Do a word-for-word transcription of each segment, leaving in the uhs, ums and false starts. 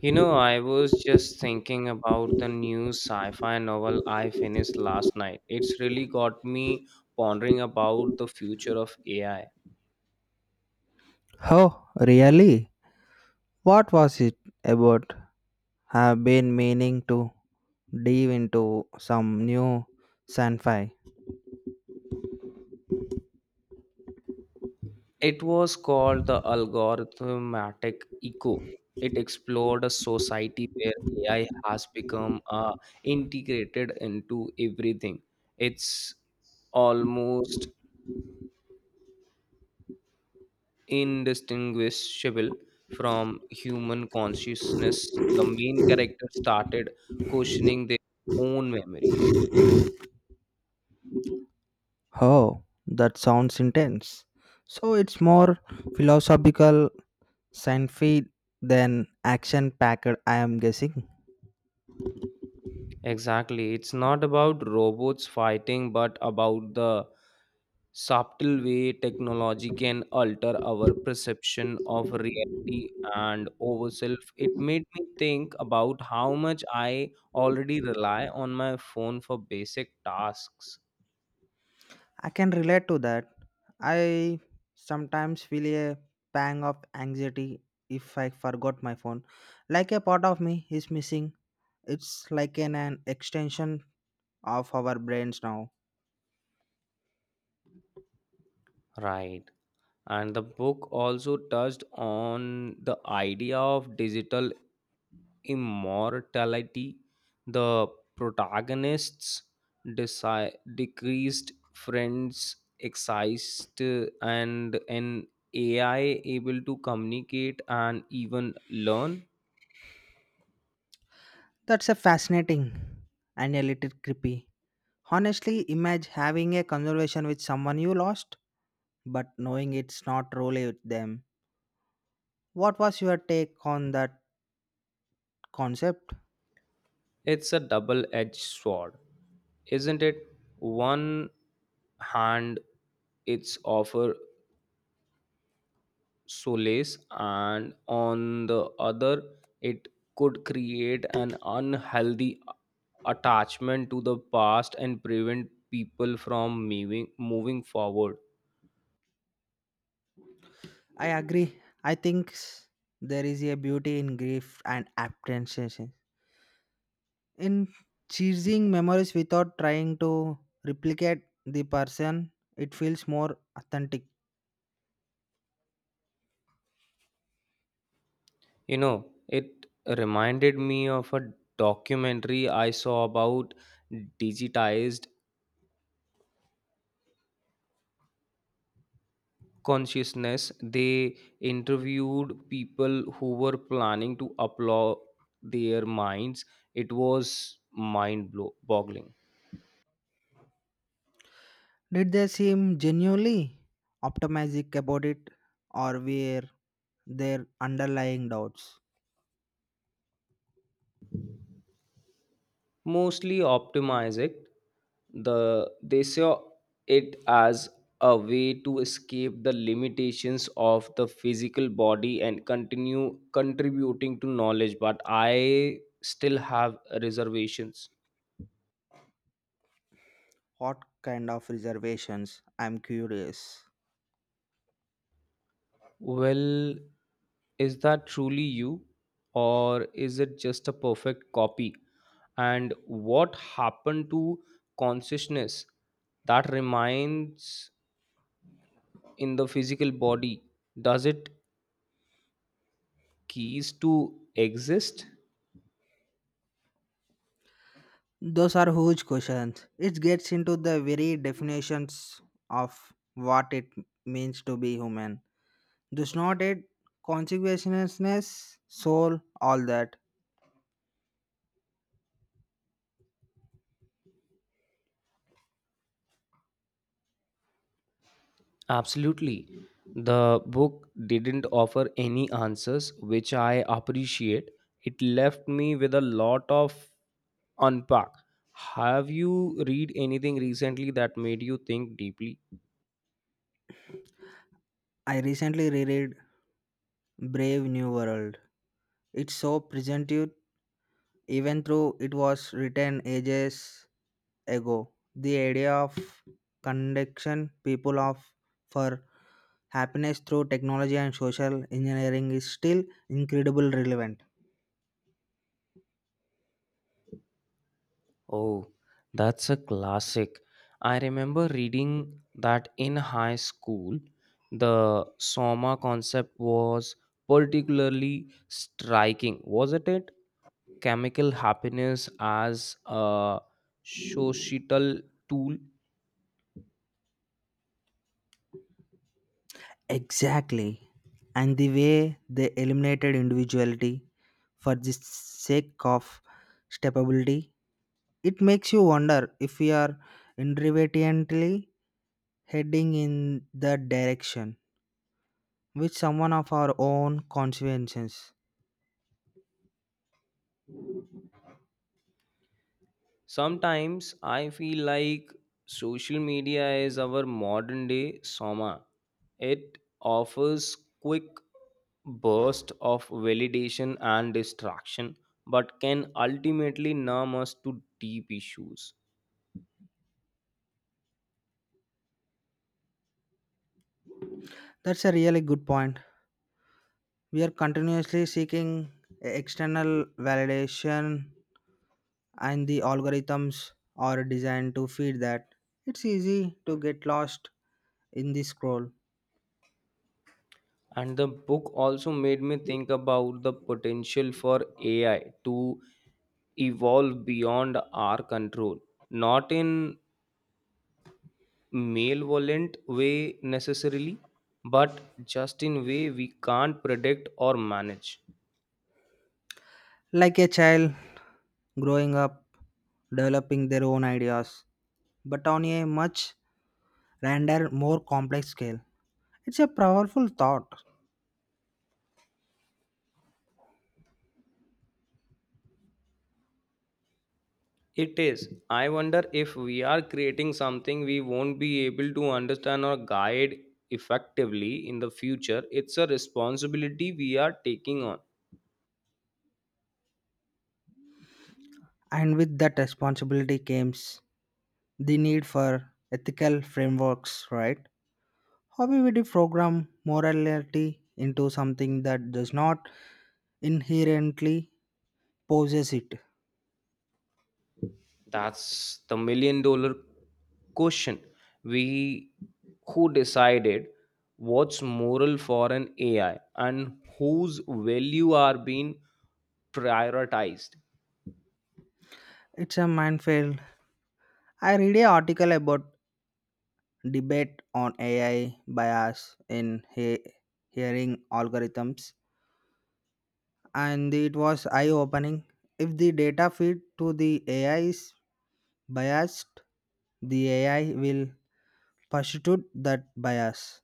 You know, I was just thinking about the new sci fi novel I finished last night. It's really got me pondering about the future of A I. Oh, really? What was it about? I've been meaning to dive into some new sci-fi. It was called The Algorithmic Echo. It explored a society where A I has become uh, integrated into everything. It's almost indistinguishable from human consciousness, the main character started questioning their own memories. Oh, that sounds intense. So it's more philosophical sci-fi than action-packed, I am guessing. Exactly. It's not about robots fighting, but about the subtle way technology can alter our perception of reality and over self. It made me think about how much I already rely on my phone for basic tasks. I can relate to that. I sometimes feel a pang of anxiety if I forgot my phone. Like a part of me is missing. It's like an, an extension of our brains now. Right. And the book also touched on the idea of digital immortality. The protagonists' desi- decreased friends excised and an A I able to communicate and even learn. That's a fascinating and a little creepy. Honestly, imagine having a conversation with someone you lost, but knowing it's not really with them. What was your take on that concept? It's a double edged sword, isn't it? One hand, it's offer solace and on the other it could create an unhealthy attachment to the past and prevent people from moving moving forward. I agree. I think s- there is a beauty in grief and apprehension, in chasing memories without trying to replicate the person. It feels more authentic. You know, it reminded me of a documentary I saw about digitized consciousness. They interviewed people who were planning to upload their minds. It was mind blow- boggling. Did they seem genuinely optimistic about it, or were there underlying doubts? Mostly optimize it. The they saw it as a way to escape the limitations of the physical body and continue contributing to knowledge, but I still have reservations. What kind of reservations? I'm curious. Well, is that truly you, or is it just a perfect copy? And what happened to consciousness that remains in the physical body? Does it keys to exist? Those are huge questions. It gets into the very definitions of what it means to be human. Does not it consciousness, soul, all that? Absolutely. The book didn't offer any answers, which I appreciate. It left me with a lot of unpack. Have you read anything recently that made you think deeply? I recently reread Brave New World. It's so present even though it was written ages ago. The idea of connection people of for happiness through technology and social engineering is still incredibly relevant. Oh, that's a classic. I remember reading that in high school, the Soma concept was particularly striking, wasn't it? Chemical happiness as a societal tool. Exactly. And the way they eliminated individuality for the sake of stability, it makes you wonder if we are irrevocably heading in the direction with someone of our own consequences. Sometimes I feel like social media is our modern day soma. It offers quick burst of validation and distraction but can ultimately numb us to deep issues. That's a really good point. We are continuously seeking external validation, and the algorithms are designed to feed that. It's easy to get lost in the scroll. And the book also made me think about the potential for A I to evolve beyond our control, not in Malevolent way necessarily, but just in way we can't predict or manage. Like a child growing up, developing their own ideas, but on a much grander, more complex scale. It's a powerful thought, It is. I wonder if we are creating something we won't be able to understand or guide effectively in the future. It's a responsibility we are taking on. and with that responsibility comes the need for ethical frameworks, right? How we program morality into something that does not inherently possess it? That's the million-dollar question. We who decided what's moral for an A I and whose value are being prioritized. It's a minefield. I read an article about debate on A I bias in he- hearing algorithms, and it was eye opening. If the data feed to the A I is biased, the A I will pursue that bias.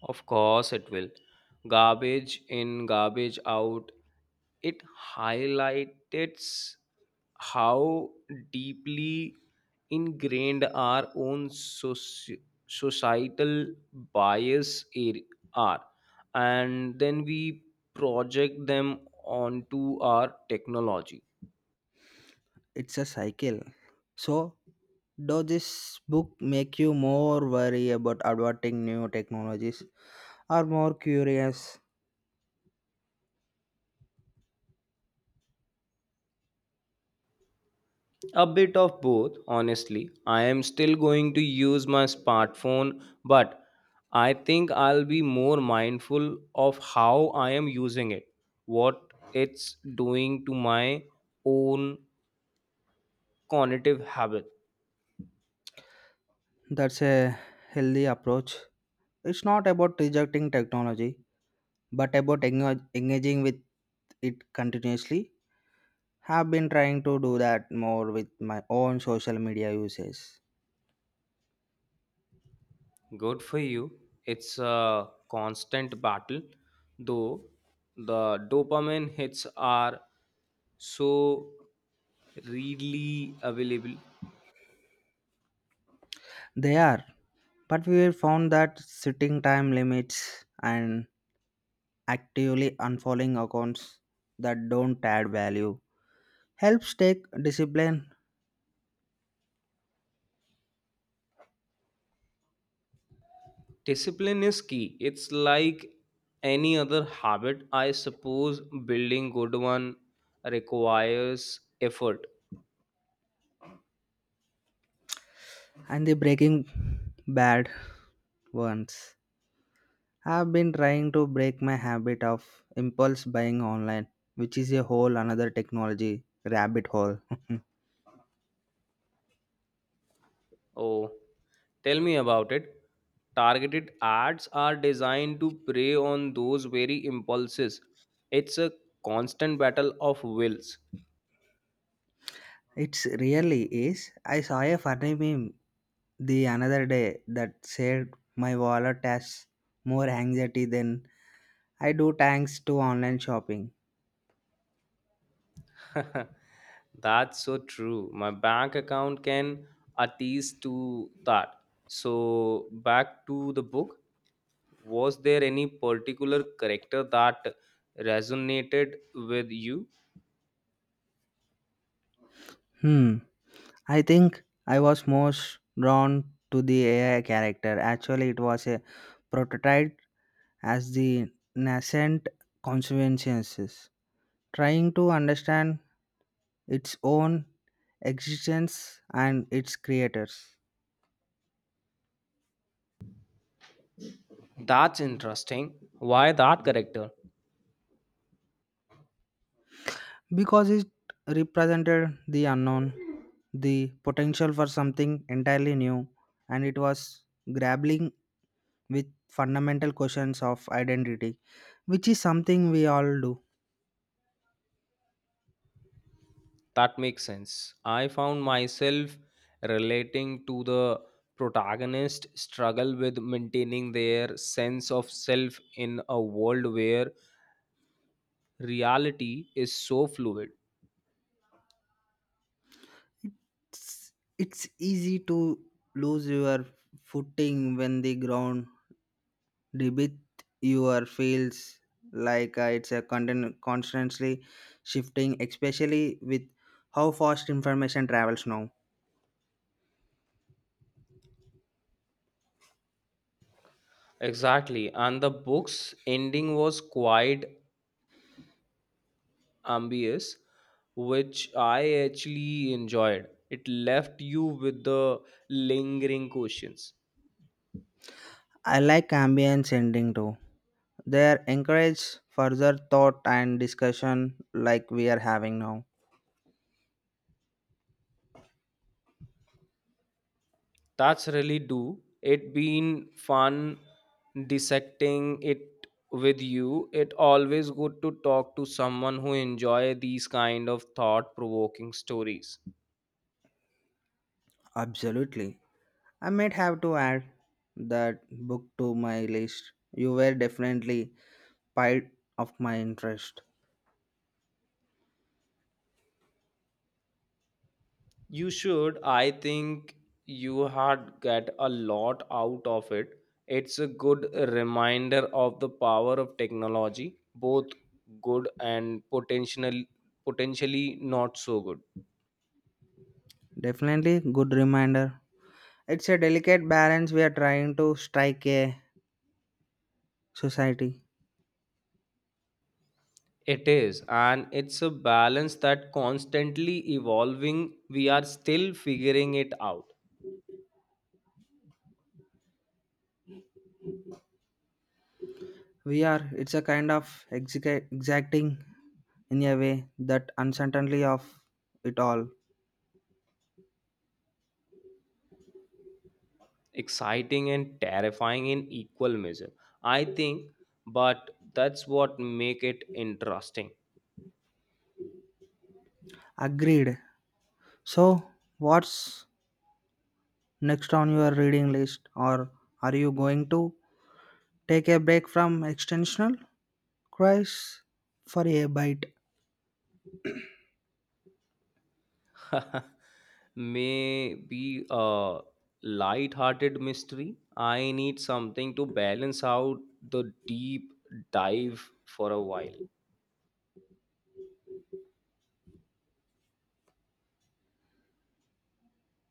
Of course, it will. Garbage in, garbage out. It highlights how deeply ingrained our own soci- societal bias ar- are. And then we project them onto our technology. It's a cycle. So, does this book make you more worried about adopting new technologies or more curious? A bit of both, honestly. I am still going to use my smartphone, but I think I'll be more mindful of how I am using it, what it's doing to my own cognitive habit. That's a healthy approach. It's not about rejecting technology, but about engage- engaging with it continuously. Have been trying to do that more with my own social media uses. Good for you. It's a constant battle, though the dopamine hits are so readily available. They are, but we have found that setting time limits and actively unfollowing accounts that don't add value helps take discipline Discipline is key. It's like any other habit, I suppose. Building good one requires effort. and the breaking bad ones. I've been trying to break my habit of impulse buying online, which is a whole another technology rabbit hole. Oh, tell me about it. Targeted ads are designed to prey on those very impulses. It's a constant battle of wills. It's really is. I saw a funny meme the another day that said my wallet has more anxiety than I do thanks to online shopping. That's so true. My bank account can attest to that. So, back to the book. Was there any particular character that resonated with you? Hmm. I think I was most drawn to the A I character. Actually, it was a prototype as the nascent conscientiousness, trying to understand its own existence and its creators. That's interesting. Why that character? Because it represented the unknown, the potential for something entirely new, and it was grappling with fundamental questions of identity, which is something we all do. That makes sense. I found myself relating to the protagonist struggle with maintaining their sense of self in a world where reality is so fluid. It's, it's easy to lose your footing when the ground debit your fields like uh, it's a contin- constantly shifting, especially with how fast information travels now. Exactly. And the book's ending was quite ambiguous, which I actually enjoyed. It left you with the lingering questions. I like ambient sending too. They are encourage further thought and discussion like we are having now. That's really do. It been fun dissecting it with you. It always good to talk to someone who enjoy these kind of thought provoking stories. Absolutely, I might have to add that book to my list. You were definitely part of my interest. You should. I think you had get a lot out of it. It's a good reminder of the power of technology, both good and potential potentially not so good. Definitely good reminder. It's a delicate balance we are trying to strike a society. It is, and it's a balance that constantly evolving. We are still figuring it out. We are, it's a kind of exica- exacting in a way that uncertainty of it all. Exciting and terrifying in equal measure. I think, but that's what make it interesting. Agreed. So, what's next on your reading list, or are you going to take a break from extensional cries for a bite? Maybe a light-hearted mystery. I need something to balance out the deep dive for a while.